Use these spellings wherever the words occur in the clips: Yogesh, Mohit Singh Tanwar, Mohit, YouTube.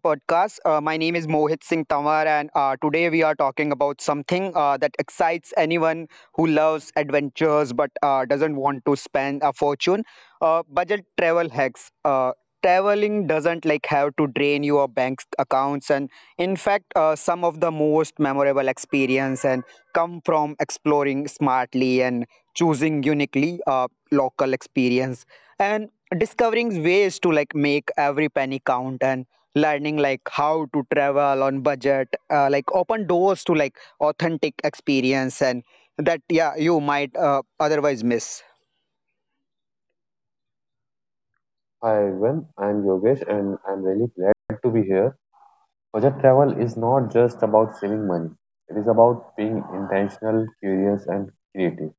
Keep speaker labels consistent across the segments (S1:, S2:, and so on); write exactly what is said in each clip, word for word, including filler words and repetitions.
S1: podcast. Uh, my name is Mohit Singh Tanwar, and uh, today we are talking about something uh, that excites anyone who loves adventures but uh, doesn't want to spend a fortune. Uh, budget travel hacks. Uh, traveling doesn't like have to drain your bank's accounts, and in fact, uh, some of the most memorable experience and come from exploring smartly and choosing uniquely uh, local experience and discovering ways to like make every penny count and learning like how to travel on budget uh, like open doors to like authentic experience and that yeah you might uh, otherwise miss.
S2: Hi everyone, I'm Yogesh and I'm really glad to be here. Budget travel is not just about saving money. It is about being intentional, curious and creative.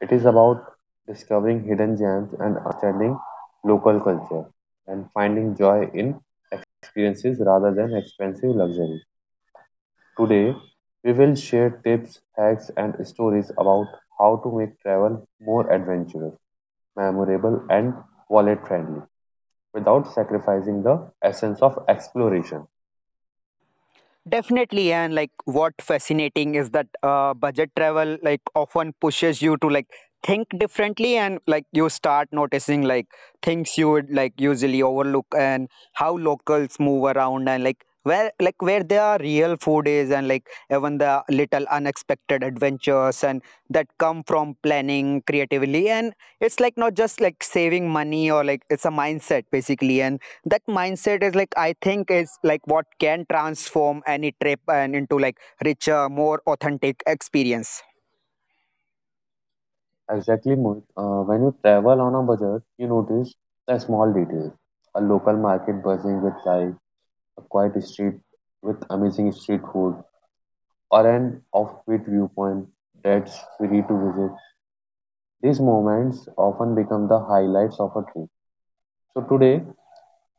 S2: It is about discovering hidden gems and understanding local culture and finding joy in experiences rather than expensive luxury. Today, we will share tips, hacks and stories about how to make travel more adventurous, memorable and wallet friendly, without sacrificing the essence of exploration.
S1: Definitely, yeah, and like what fascinating is that uh, budget travel like often pushes you to like think differently and like you start noticing like things you would like usually overlook and how locals move around and like where like where their real food is and like even the little unexpected adventures and that come from planning creatively and it's like not just like saving money or like it's a mindset basically and that mindset is like I think is like what can transform any trip and into like richer more authentic experience.
S2: Exactly, Mohit. Uh, when you travel on a budget, you notice the small details. A local market buzzing with life, a quiet street with amazing street food, or an offbeat viewpoint that's free to visit. These moments often become the highlights of a trip. So today,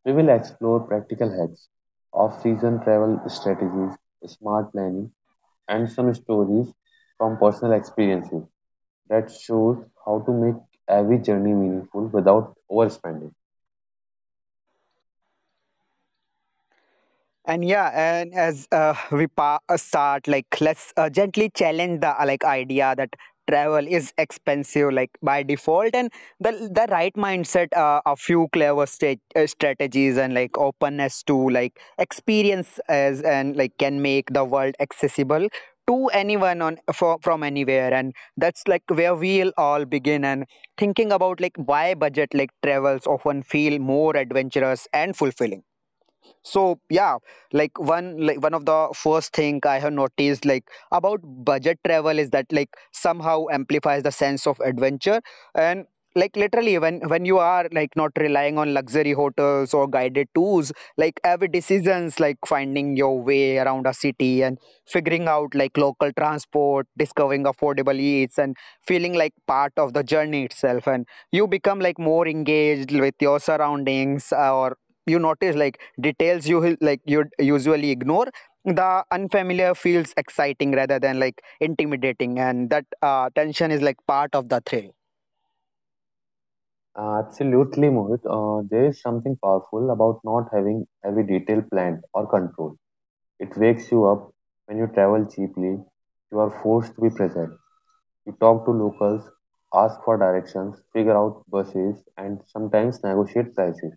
S2: we will explore practical hacks, off-season travel strategies, smart planning, and some stories from personal experiences that shows how to make every journey meaningful without overspending.
S1: And yeah, and as uh, we pa- uh, start, like let's uh, gently challenge the uh, like idea that travel is expensive like by default and the the right mindset uh, a few clever sta- uh, strategies and like openness to like experience as and like can make the world accessible to anyone on for, from anywhere and that's like where we'll all begin and thinking about like why budget like travels often feel more adventurous and fulfilling. So yeah, like one like one of the first thing I have noticed like about budget travel is that like somehow amplifies the sense of adventure and like literally when when you are like not relying on luxury hotels or guided tours like every decisions like finding your way around a city and figuring out like local transport discovering affordable eats and feeling like part of the journey itself and you become like more engaged with your surroundings uh, or you notice like details you like you usually ignore the unfamiliar feels exciting rather than like intimidating and that uh, tension is like part of the thrill.
S2: Uh, absolutely, Mohit. Uh, there is something powerful about not having every detail planned or controlled. It wakes you up. When you travel cheaply, you are forced to be present. You talk to locals, ask for directions, figure out buses, and sometimes negotiate prices.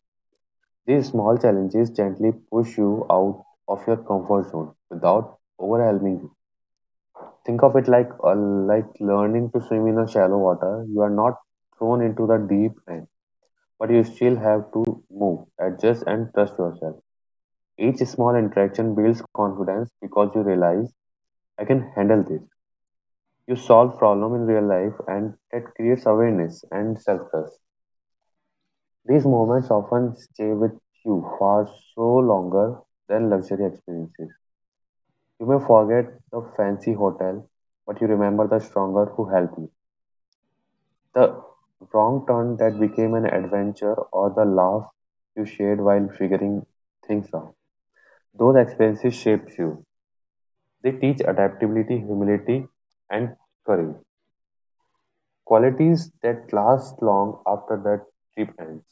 S2: These small challenges gently push you out of your comfort zone without overwhelming you. Think of it like uh, like learning to swim in a shallow water. You are not thrown into the deep end, but you still have to move, adjust, and trust yourself. Each small interaction builds confidence because you realize, I can handle this. You solve problem in real life, and that creates awareness and self trust. These moments often stay with you far so longer than luxury experiences. You may forget the fancy hotel, but you remember the stronger who helped you, the wrong turn that became an adventure, or the laugh you shared while figuring things out. Those experiences shapes you. They teach adaptability, humility, and courage. Qualities that last long after that trip ends.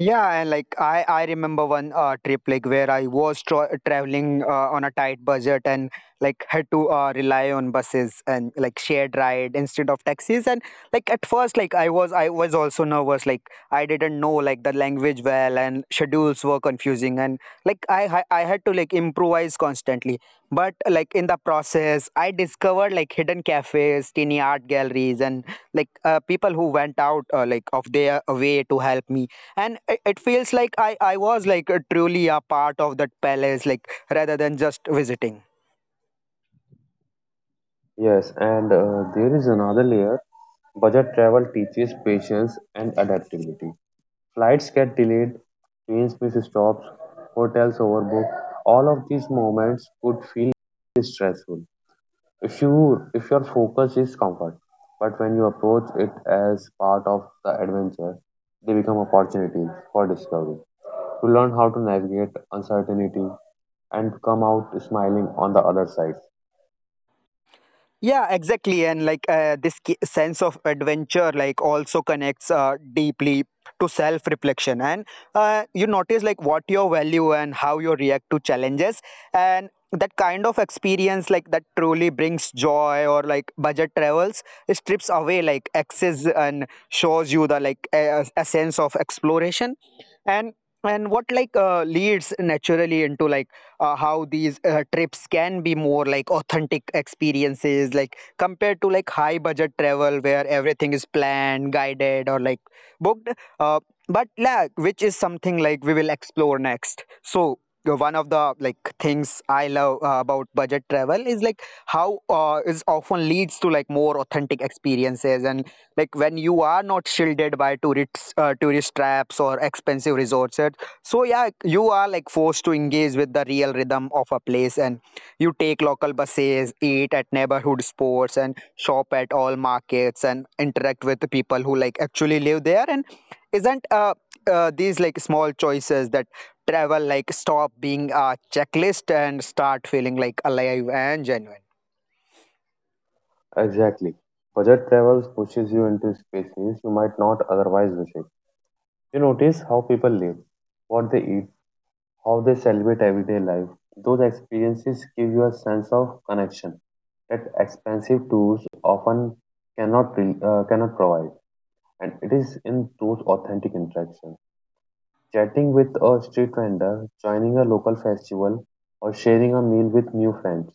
S1: Yeah, and like I, I remember one uh, trip like where I was tra- traveling uh, on a tight budget and like had to uh, rely on buses and like shared ride instead of taxis. And like at first, like I was I was also nervous. Like I didn't know like the language well and schedules were confusing. And like I ha- I had to like improvise constantly. But like in the process, I discovered like hidden cafes, teeny art galleries, and like uh, people who went out uh, like of their way to help me and it, it feels like I I was like uh, truly a part of that palace, like rather than just visiting.
S2: Yes, and uh, there is another layer. Budget travel teaches patience and adaptability. Flights get delayed, trains miss stops, hotels overbook. All of these moments could feel stressful, if you if your focus is comfort, but when you approach it as part of the adventure, they become opportunities for discovery, to learn how to navigate uncertainty and come out smiling on the other side.
S1: Yeah, exactly. And like uh, this ki- sense of adventure, like also connects uh, deeply to self reflection. And uh, you notice like what your value and how you react to challenges. And that kind of experience, like that truly brings joy or like budget travels, strips away like excess and shows you the like a, a sense of exploration. And and what like uh, leads naturally into like uh, how these uh, trips can be more like authentic experiences like compared to like high budget travel where everything is planned guided or like booked uh, but like, which is something like we will explore next. So uh, one of the like things I love uh, about budget travel is like how uh, is often leads to like more authentic experiences and like when you are not shielded by tourist uh, tourist traps or expensive resorts. So yeah, you are like forced to engage with the real rhythm of a place, and you take local buses, eat at neighborhood sports, and shop at all markets, and interact with the people who like actually live there. And isn't uh, uh these like small choices that travel like stop being a checklist and start feeling like alive and genuine?
S2: Exactly, budget travels pushes you into spaces you might not otherwise visit. You notice how people live, what they eat, how they celebrate everyday life. Those experiences give you a sense of connection that expensive tools often cannot re- uh, cannot provide, and it is in those authentic interactions. Chatting with a street vendor, joining a local festival, or sharing a meal with new friends,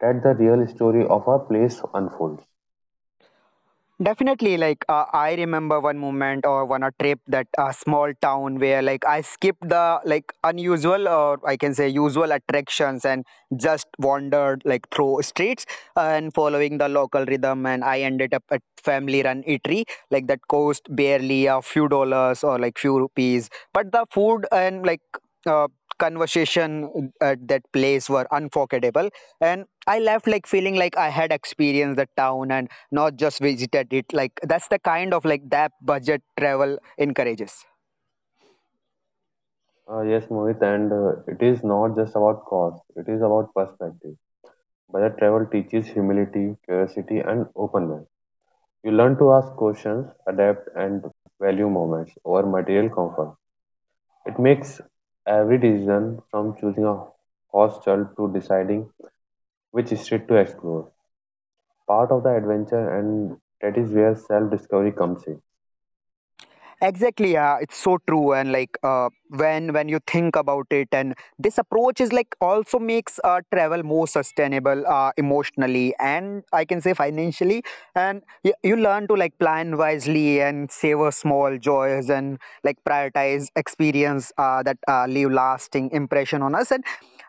S2: that the real story of a place unfolds.
S1: Definitely, like uh, I remember one moment or one a trip that a small town where like I skipped the like unusual or I can say usual attractions and just wandered like through streets and following the local rhythm and I ended up at family run eatery like that cost barely a few dollars or like few rupees but the food and like uh, conversation at that place were unforgettable and I left like feeling like I had experienced the town and not just visited it like that's the kind of like that budget travel encourages.
S2: Uh, yes, Mohit, and uh, it is not just about cost; it is about perspective. Budget travel teaches humility, curiosity, and openness. You learn to ask questions, adapt, and value moments over material comfort. It makes every decision, from choosing a hostel to deciding which street to explore, part of the adventure, and that is where self discovery comes in.
S1: Exactly, yeah, it's so true and like uh, when when you think about it and this approach is like also makes uh, travel more sustainable uh, emotionally and I can say financially and y- you learn to like plan wisely and savor small joys and like prioritize experience uh, that uh, leave lasting impression on us and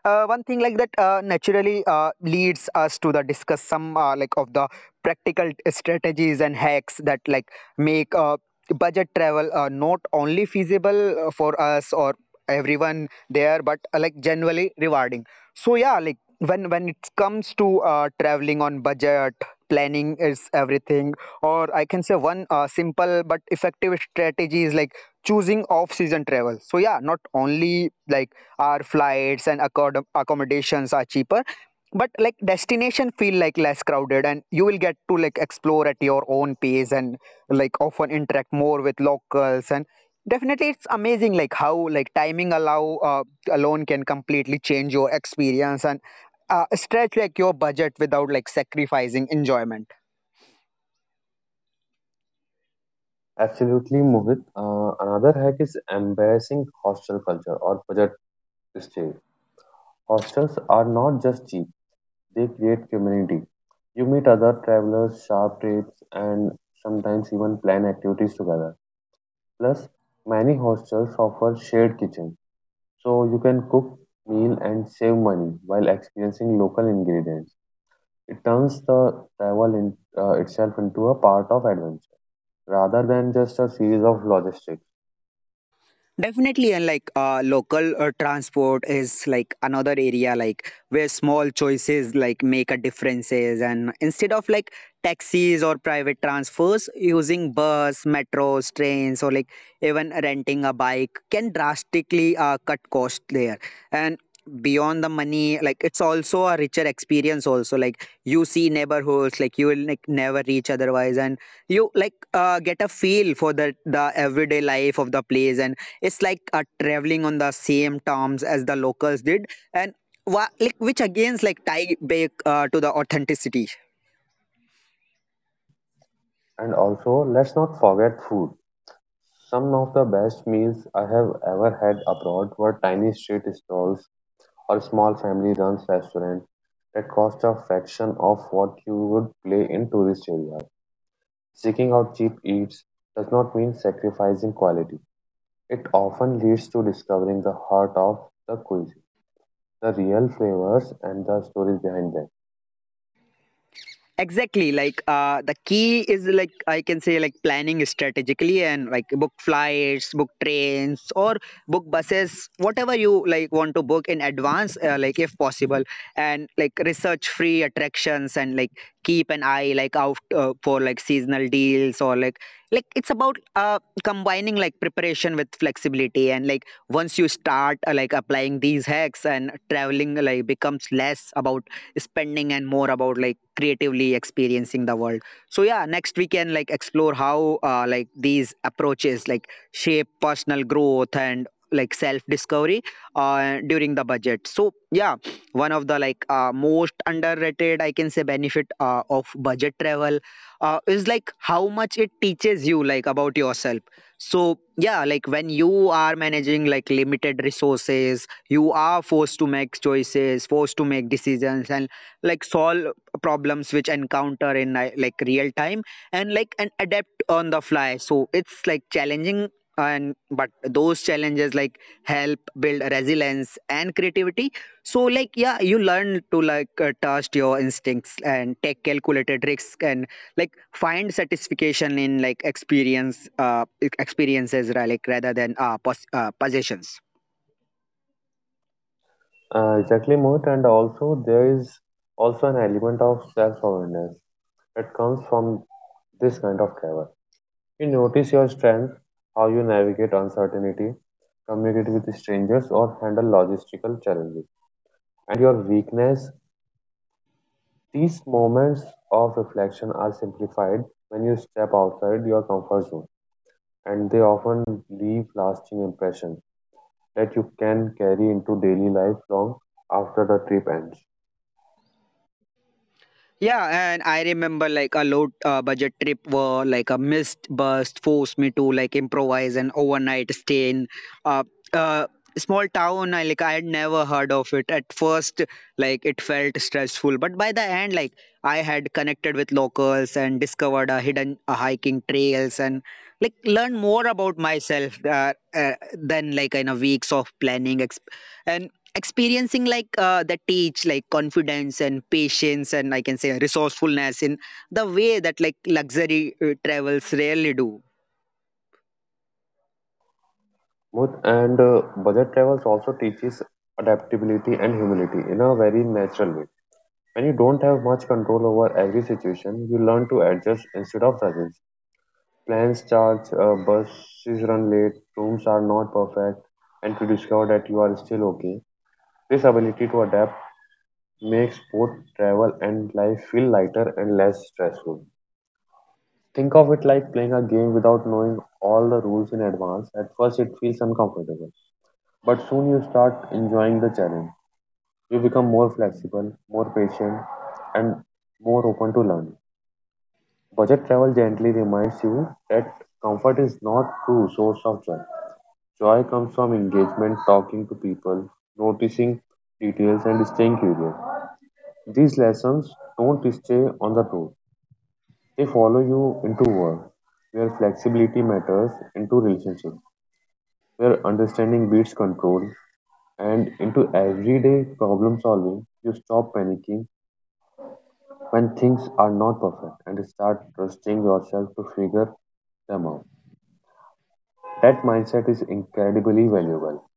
S1: uh, one thing like that uh, naturally uh, leads us to the discuss some uh, like of the practical strategies and hacks that like make uh, budget travel are not only feasible uh, for us or everyone there but uh, like generally rewarding. So yeah, like when when it comes to uh, traveling on budget planning is everything or I can say one uh, simple but effective strategy is like choosing off season travel. So yeah, not only like our flights and accom- accommodations are cheaper but like destination feel like less crowded and you will get to like explore at your own pace and like often interact more with locals and definitely it's amazing like how like timing allow uh, alone can completely change your experience and uh, stretch like your budget without like sacrificing enjoyment.
S2: Absolutely, Mohit. Uh, another hack is embracing hostel culture or budget stay. Hostels are not just cheap, they create community. You meet other travelers, share rates, and sometimes even plan activities together. Plus, many hostels offer shared kitchen, so you can cook meal and save money while experiencing local ingredients. It turns the travel in, uh, itself into a part of adventure rather than just a series of logistics.
S1: Definitely, and like uh, local uh, transport is like another area like where small choices like make a differences. And instead of like taxis or private transfers, using bus, metros, trains, or like even renting a bike can drastically uh, cut cost there. And beyond the money, like it's also a richer experience. Also, like you see neighborhoods like you will like never reach otherwise, and you like uh, get a feel for the the everyday life of the place and it's like uh, traveling on the same terms as the locals did, and wha- like which again is like tie back uh, to the authenticity.
S2: And also, let's not forget food. Some of the best meals I have ever had abroad were tiny street stalls or small family run restaurants that cost a fraction of what you would pay in tourist areas. Seeking out cheap eats does not mean sacrificing quality. It often leads to discovering the heart of the cuisine, the real flavors, and the stories behind them.
S1: Exactly, like uh, the key is like I can say like planning strategically and like book flights book trains or book buses whatever you like want to book in advance uh, like if possible and like research free attractions and like keep an eye like out uh, for like seasonal deals or like like it's about uh combining like preparation with flexibility and like once you start uh, like applying these hacks and traveling like becomes less about spending and more about like creatively experiencing the world. So yeah, next we can like explore how uh, like these approaches like shape personal growth and like self discovery uh, during the budget. So yeah, one of the like uh, most underrated I can say benefit uh, of budget travel uh, is like how much it teaches you like about yourself. So yeah, like when you are managing like limited resources you are forced to make choices forced to make decisions and like solve problems which encounter in ni- like real time and like and adapt on the fly so it's like challenging and but those challenges like help build resilience and creativity. So like yeah, you learn to like uh, trust your instincts and take calculated risks and like find satisfaction in like experience uh e- experiences right, like rather than uh, pos- uh possessions.
S2: Uh, exactly, Mohit, and also there is also an element of self-awareness that comes from this kind of travel. You notice your strength, how you navigate uncertainty, communicate with strangers, or handle logistical challenges, and your weakness. These moments of reflection are simplified when you step outside your comfort zone, and they often leave lasting impressions that you can carry into daily life long after the trip ends.
S1: Yeah, and I remember like a low uh, budget trip where like a missed bus forced me to like improvise an overnight stay in a uh, uh, small town. I like I had never heard of it at first. Like it felt stressful, but by the end, like I had connected with locals and discovered a hidden uh, hiking trails and like learned more about myself uh, uh, than like in a weeks of planning. Exp- and experiencing like uh, that teach like confidence and patience and I can say resourcefulness in the way that like luxury uh, travels rarely do.
S2: Smooth, and uh, budget travels also teaches adaptability and humility in a very natural way. When you don't have much control over every situation, you learn to adjust instead of resist. Plans charge, uh, buses run late, rooms are not perfect, and to discover that you are still okay. This ability to adapt makes both travel and life feel lighter and less stressful. Think of it like playing a game without knowing all the rules in advance. At first, it feels uncomfortable, but soon you start enjoying the challenge. You become more flexible, more patient, and more open to learning. Budget travel gently reminds you that comfort is not true source of joy. Joy comes from engagement, talking to people, noticing details, and staying curious. These lessons don't stay on the road. They follow you into work, where flexibility matters, into relationships, where understanding beats control, and into everyday problem solving. You stop panicking when things are not perfect and start trusting yourself to figure them out. That mindset is incredibly valuable.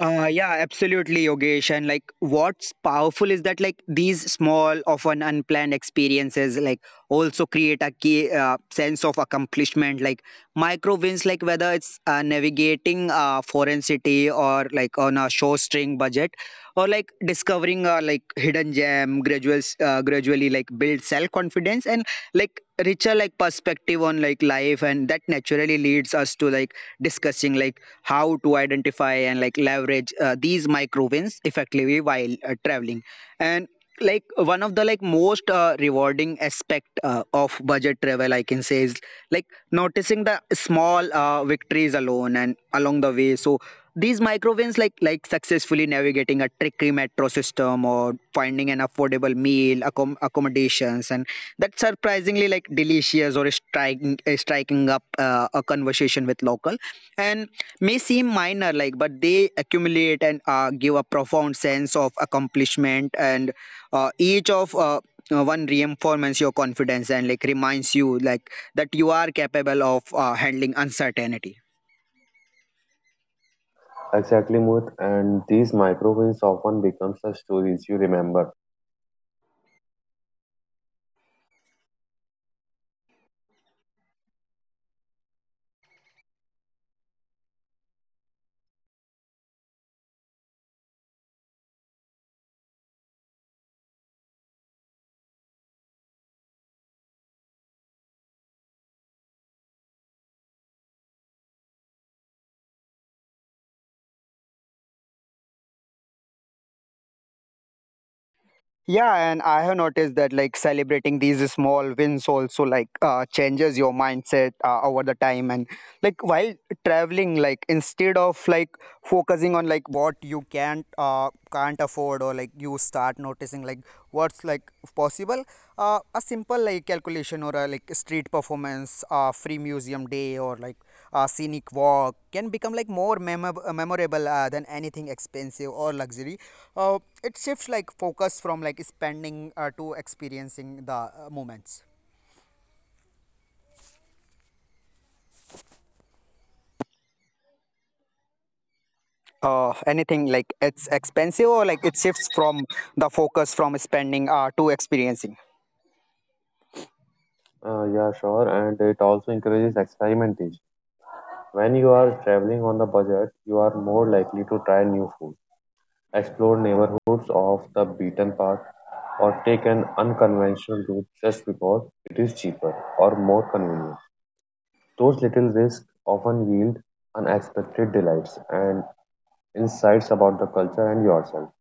S1: Uh, yeah, absolutely, Yogesh. And like, what's powerful is that like these small, often unplanned experiences like also create a key uh, sense of accomplishment. Like micro wins, like whether it's uh, navigating a foreign city, or like on a shoestring budget, or like discovering a like hidden gem, graduals uh, gradually like build self confidence and like richer like perspective on like life, and that naturally leads us to like discussing like how to identify and like leverage uh, these micro wins effectively while uh, traveling. And like one of the like most uh, rewarding aspect uh, of budget travel I can say is like noticing the small uh, victories alone and along the way. So these micro wins like like successfully navigating a tricky metro system, or finding an affordable meal accom- accommodations, and that surprisingly like delicious, or striking uh, striking up uh, a conversation with local and may seem minor, like, but they accumulate and uh, give a profound sense of accomplishment, and uh, each of uh, uh, one reinforces your confidence and like reminds you like that you are capable of uh, handling uncertainty.
S2: Exactly, Mohit. And these micro wins often becomes the stories you remember.
S1: Yeah, and I have noticed that like celebrating these small wins also like uh, changes your mindset uh, over the time, and like while traveling, like instead of like focusing on like what you can't uh, can't afford, or like you start noticing like what's like possible. Uh, a simple like calculation, or a like street performance, uh, free museum day, or like a scenic walk can become like more memorable, memorable uh, than anything expensive or luxury. Uh, it shifts like focus from like spending uh, to experiencing the uh, moments, uh, anything like it's expensive, or like it shifts from the focus from spending uh, to experiencing.
S2: Uh, yeah, sure. And it also encourages experimentation. When you are traveling on the budget, you are more likely to try new food, explore neighborhoods off the beaten path, or take an unconventional route just because it is cheaper or more convenient. Those little risks often yield unexpected delights and insights about the culture and yourself.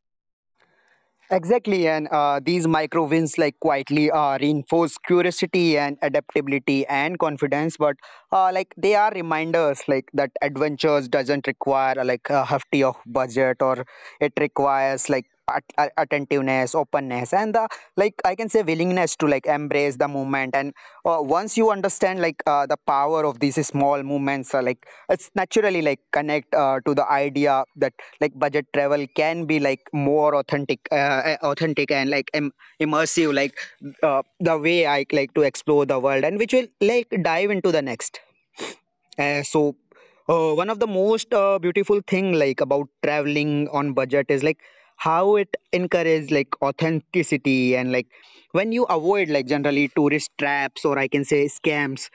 S1: Exactly. And uh, these micro wins like quietly uh, reinforce curiosity and adaptability and confidence, but uh, like they are reminders like that adventures doesn't require uh, like a hefty of budget, or it requires like at- a- attentiveness, openness, and the like I can say willingness to like embrace the movement. And uh, once you understand like uh, the power of these small movements, uh, like it's naturally like connect uh, to the idea that like budget travel can be like more authentic, uh, uh, authentic and like im- immersive, like uh, the way I like to explore the world, and which will like dive into the next. Uh, so uh, one of the most uh, beautiful thing like about traveling on budget is like how it encourages like authenticity, and like when you avoid like generally tourist traps, or I can say scams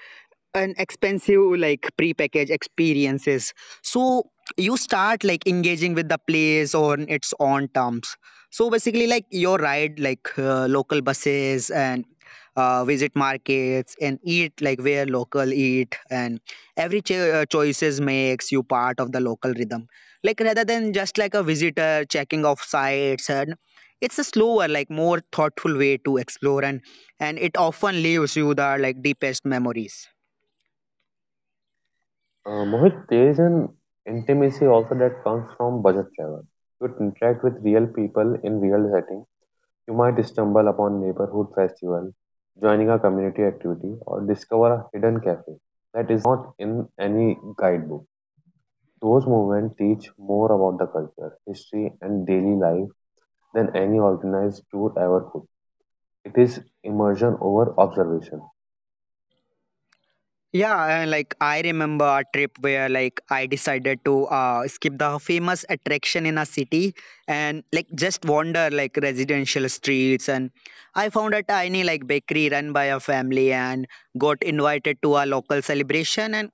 S1: and expensive like prepackaged experiences. So you start like engaging with the place on its own terms. So basically, like your ride like uh, local buses and uh, visit markets and eat like where local eat, and every cho- uh, choices makes you part of the local rhythm, like rather than just like a visitor checking off sites. And it's a slower, like more thoughtful way to explore, and and it often leaves you the like deepest memories.
S2: Uh, Mohit, there is an intimacy also that comes from budget travel. You interact with real people in real settings. You might stumble upon a neighborhood festival, joining a community activity, or discover a hidden cafe that is not in any guidebook. Those moments teach more about the culture, history, and daily life than any organized tour ever could. It is immersion over observation.
S1: Yeah, uh, like I remember a trip where like I decided to uh, skip the famous attraction in a city, and like just wander like residential streets. And I found a tiny like bakery run by a family, and got invited to a local celebration, and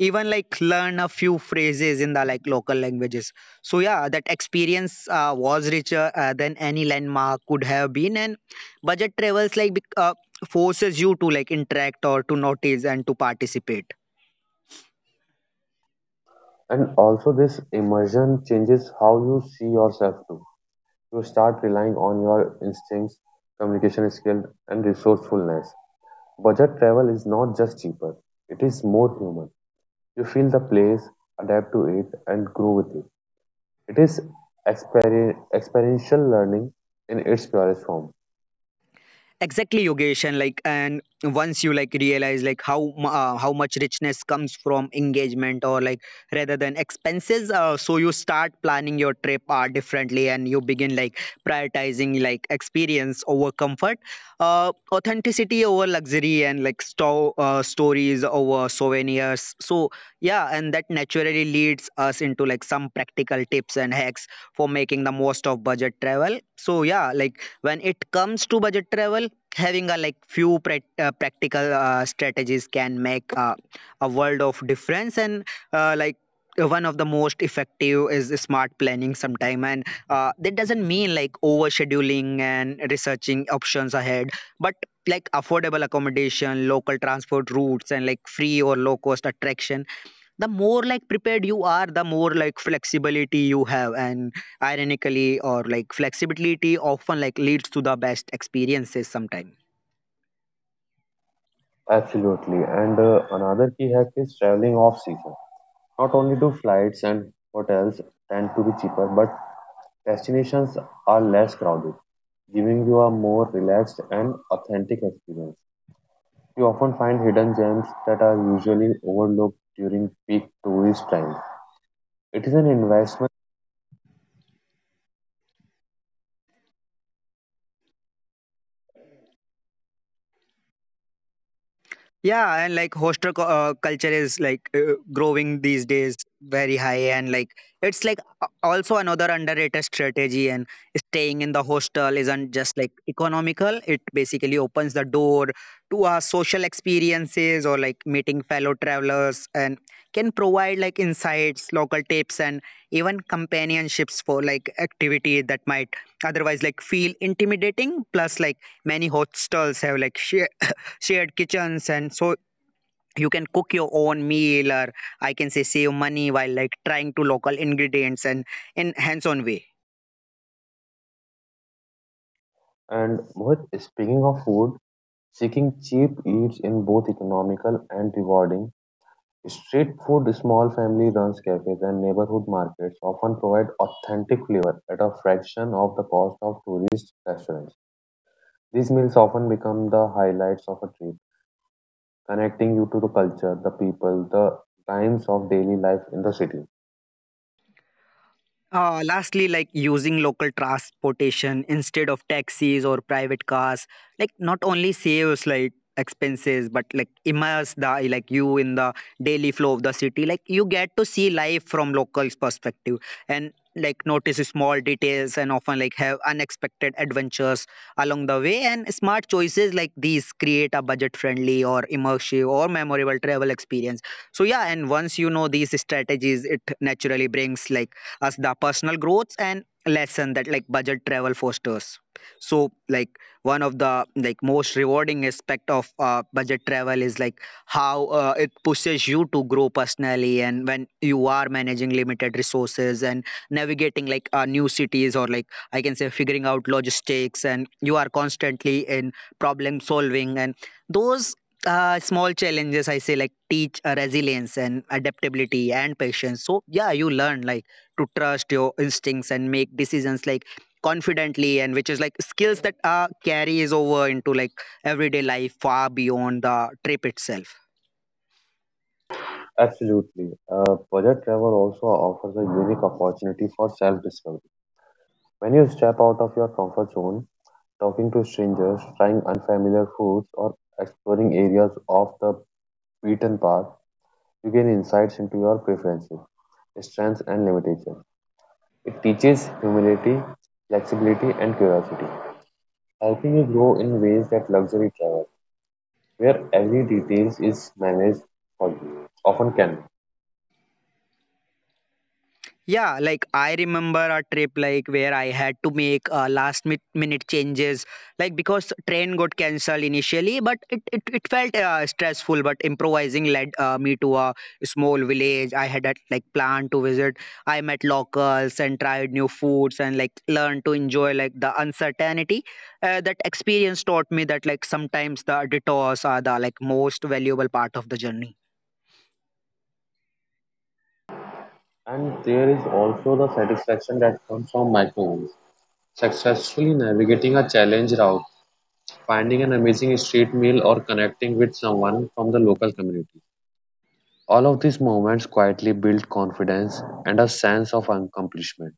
S1: even like learn a few phrases in the like local languages. So yeah, that experience uh, was richer uh, than any landmark could have been, and budget travels like bec- uh, forces you to like interact, or to notice, and to participate.
S2: And also, this immersion changes how you see yourself too. You start relying on your instincts, communication skills, and resourcefulness. Budget travel is not just cheaper, it is more human. You feel the place, adapt to it, and grow with it. It is experi- experiential learning in its purest form.
S1: Exactly, Yogesh. And like, and once you like realize like how mu- uh, how much richness comes from engagement, or like rather than expenses. Uh, so you start planning your trip uh, differently, and you begin like prioritizing like experience over comfort, uh, authenticity over luxury, and like sto- uh, stories over souvenirs. So yeah, and that naturally leads us into like some practical tips and hacks for making the most of budget travel. So yeah, like when it comes to budget travel, having a like few prac- uh, practical uh, strategies can make uh, a world of difference. And uh, like uh, one of the most effective is smart planning sometime, and uh, that doesn't mean like overscheduling and researching options ahead, but like affordable accommodation, local transport routes, and like free or low cost attraction. The more like prepared you are, the more like flexibility you have, and ironically, or like flexibility often like leads to the best experiences sometime.
S2: Absolutely. And uh, another key hack is traveling off season. Not only do flights and hotels tend to be cheaper, but destinations are less crowded, giving you a more relaxed and authentic experience. You often find hidden gems that are usually overlooked during peak tourist time. It is an investment.
S1: Yeah, and like hostel co- uh, culture is like uh, growing these days very high, and like it's like a- also another underrated strategy. And staying in the hostel isn't just like economical; it basically opens the door to our social experiences, or like meeting fellow travelers, and can provide like insights, local tips, and even companionships for like activity that might otherwise like feel intimidating. Plus, like many hostels have like share shared kitchens, and so you can cook your own meal, or I can say save money while like trying to local ingredients and in hands on way.
S2: And Mohit, speaking of food, seeking cheap eats in both economical and rewarding, street food, small family runs cafes, and neighborhood markets often provide authentic flavor at a fraction of the cost of tourist restaurants. These meals often become the highlights of a trip, connecting you to the culture, the people, the times of daily life in the city.
S1: Uh, lastly, like using local transportation instead of taxis or private cars, like not only saves like expenses, but like immerse the like you in the daily flow of the city. Like you get to see life from locals' perspective, and like notice small details, and often like have unexpected adventures along the way. And smart choices like these create a budget-friendly or immersive or memorable travel experience. So yeah, and once you know these strategies, it naturally brings like as the personal growth and lesson that like budget travel fosters. So like one of the like most rewarding aspect of uh, budget travel is like how uh, it pushes you to grow personally. And when you are managing limited resources and navigating like uh, new cities, or like I can say figuring out logistics, and you are constantly in problem solving, and those uh, small challenges I say like teach uh, resilience and adaptability and patience. So yeah, you learn like to trust your instincts and make decisions like confidently, and which is like skills that uh, carries over into like everyday life far beyond the trip itself.
S2: Absolutely. Uh, budget travel also offers a unique opportunity for self discovery. When you step out of your comfort zone, talking to strangers, trying unfamiliar foods, or exploring areas off the beaten path, you gain insights into your preferences, strengths, and limitations. It teaches humility, flexibility, and curiosity, helping you grow in ways that luxury travel, where every detail is managed for you, often can.
S1: Yeah, like I remember a trip like where I had to make uh, last mi- minute changes, like because train got cancelled initially, but it it, it felt uh, stressful. But improvising led uh, me to a small village I had a like plan to visit. I met locals and tried new foods and like learned to enjoy like the uncertainty. Uh, that experience taught me that like sometimes the detours are the like most valuable part of the journey.
S2: And there is also the satisfaction that comes from microwave, successfully navigating a challenge route, finding an amazing street meal, or connecting with someone from the local community. All of these moments quietly build confidence and a sense of accomplishment.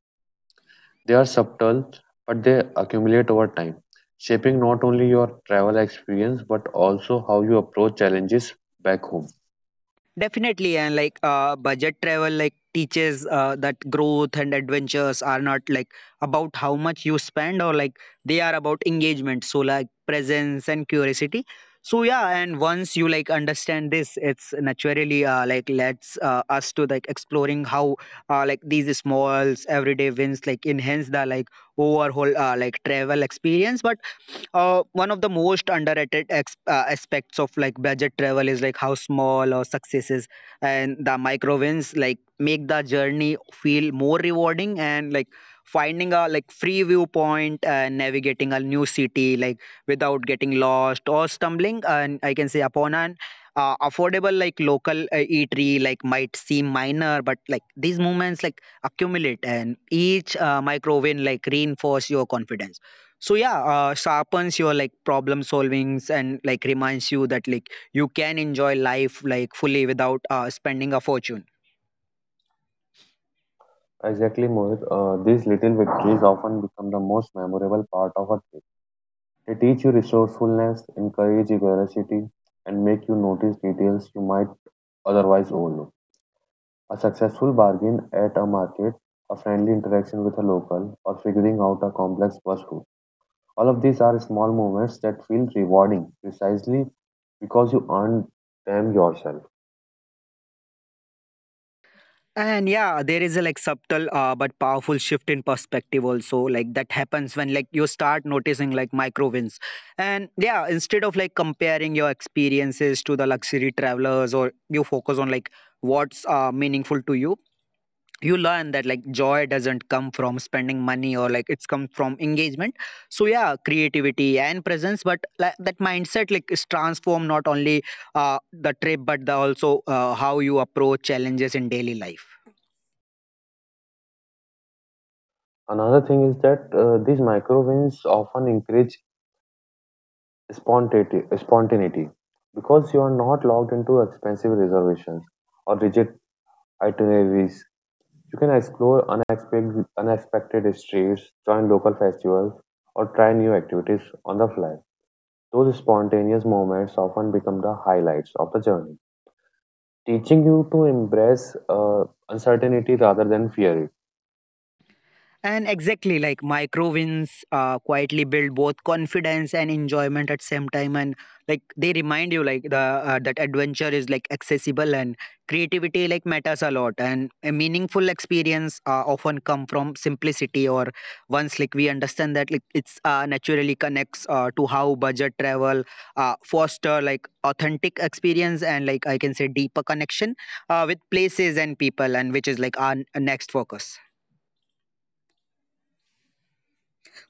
S2: They are subtle, but they accumulate over time, shaping not only your travel experience but also how you approach challenges back home.
S1: Definitely. And like uh, budget travel like teaches uh, that growth and adventures are not like about how much you spend, or like they are about engagement. So like presence and curiosity. So yeah, and once you like understand this, it's naturally uh, like lets uh, us to like exploring how uh, like these smalls everyday wins like enhance the like overall uh, like travel experience. But uh, one of the most underrated ex- uh, aspects of like budget travel is like how small or successes and the micro wins like make the journey feel more rewarding. And like finding a like free viewpoint, and navigating a new city like without getting lost, or stumbling and I can say upon an uh, affordable like local uh, eatery like might seem minor, but like these moments like accumulate, and each uh, micro win like reinforce your confidence. So yeah, uh, sharpens your like problem solvings and like reminds you that like you can enjoy life like fully without uh, spending a fortune.
S2: Exactly, Mohit. Uh, these little victories often become the most memorable part of a trip. They teach you resourcefulness, encourage curiosity, and make you notice details you might otherwise overlook. A successful bargain at a market, a friendly interaction with a local, or figuring out a complex bus route. All of these are small moments that feel rewarding precisely because you earned them yourself.
S1: And yeah, there is a like subtle uh, but powerful shift in perspective also like that happens when like you start noticing like micro wins. And yeah, instead of like comparing your experiences to the luxury travelers, or you focus on like what's uh, meaningful to you, you learn that like joy doesn't come from spending money, or like it's come from engagement. So yeah, creativity and presence. But like, that mindset like is transformed not only uh, the trip but the also uh, how you approach challenges in daily life.
S2: Another thing is that uh, these micro wins often encourage spontaneity, spontaneity because you are not locked into expensive reservations or rigid itineraries. You can explore unexpected, unexpected histories, join local festivals, or try new activities on the fly. Those spontaneous moments often become the highlights of the journey, teaching you to embrace uh, uncertainty rather than fear it.
S1: And exactly, like micro wins uh, quietly build both confidence and enjoyment at same time, and like they remind you like the uh, that adventure is like accessible and creativity like matters a lot, and a meaningful experience uh, often come from simplicity, or once like we understand that like it's uh, naturally connects uh, to how budget travel uh, foster like authentic experience, and like I can say deeper connection uh, with places and people, and which is like our n- next focus.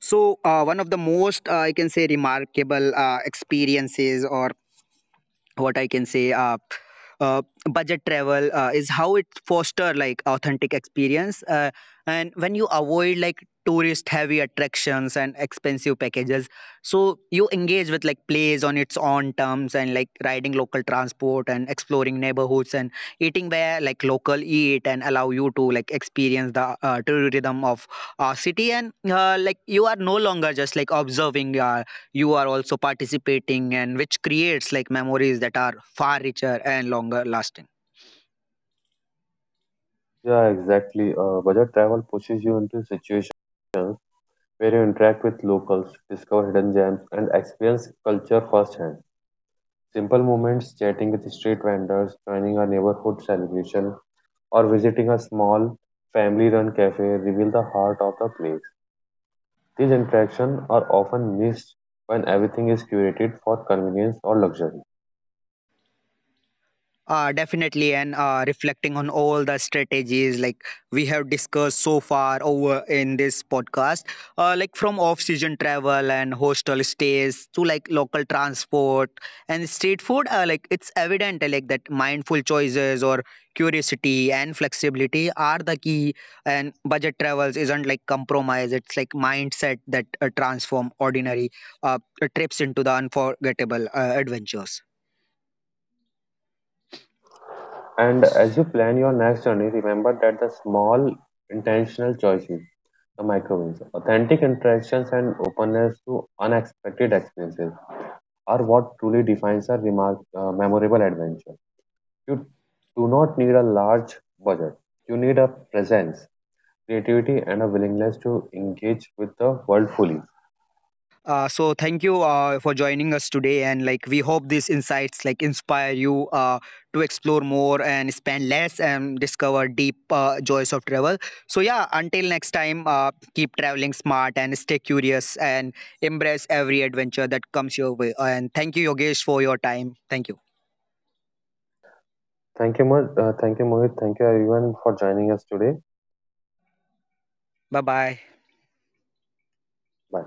S1: So, uh, one of the most, uh, I can say, remarkable uh, experiences or what I can say, uh, uh, budget travel uh, is how it foster like authentic experience. Uh, and when you avoid like tourist heavy attractions and expensive packages, so you engage with like plays on its own terms, and like riding local transport and exploring neighborhoods and eating where like local eat and allow you to like experience the uh, true rhythm of our city. And uh, like you are no longer just like observing. Uh, you are also participating, and which creates like memories that are far richer and longer lasting.
S2: Yeah, exactly. Uh, budget travel pushes you into situations where you interact with locals, discover hidden gems, and experience culture firsthand. Simple moments, chatting with street vendors, joining a neighborhood celebration, or visiting a small family run cafe reveal the heart of the place. These interactions are often missed when everything is curated for convenience or luxury.
S1: Uh, definitely, and uh, reflecting on all the strategies like we have discussed so far over in this podcast, uh, like from off-season travel and hostel stays to like local transport and street food, uh, like it's evident uh, like that mindful choices or curiosity and flexibility are the key. And budget travels isn't like compromise; it's like mindset that uh, transform ordinary uh, trips into the unforgettable uh, adventures.
S2: And as you plan your next journey, remember that the small intentional choices, the micro wins, authentic interactions, and openness to unexpected experiences are what truly defines a remark, uh, memorable adventure. You do not need a large budget, you need a presence creativity, and a willingness to engage with the world fully.
S1: Uh, so thank you uh, for joining us today, and like we hope these insights like inspire you uh, to explore more and spend less and discover deep uh, joys of travel. So yeah, until next time, uh, keep traveling smart and stay curious and embrace every adventure that comes your way. And thank you, Yogesh, for your time. Thank you.
S2: Thank you, Mo- uh, thank you, Mohit. Thank you, everyone, for joining us today.
S1: Bye bye.
S2: Bye.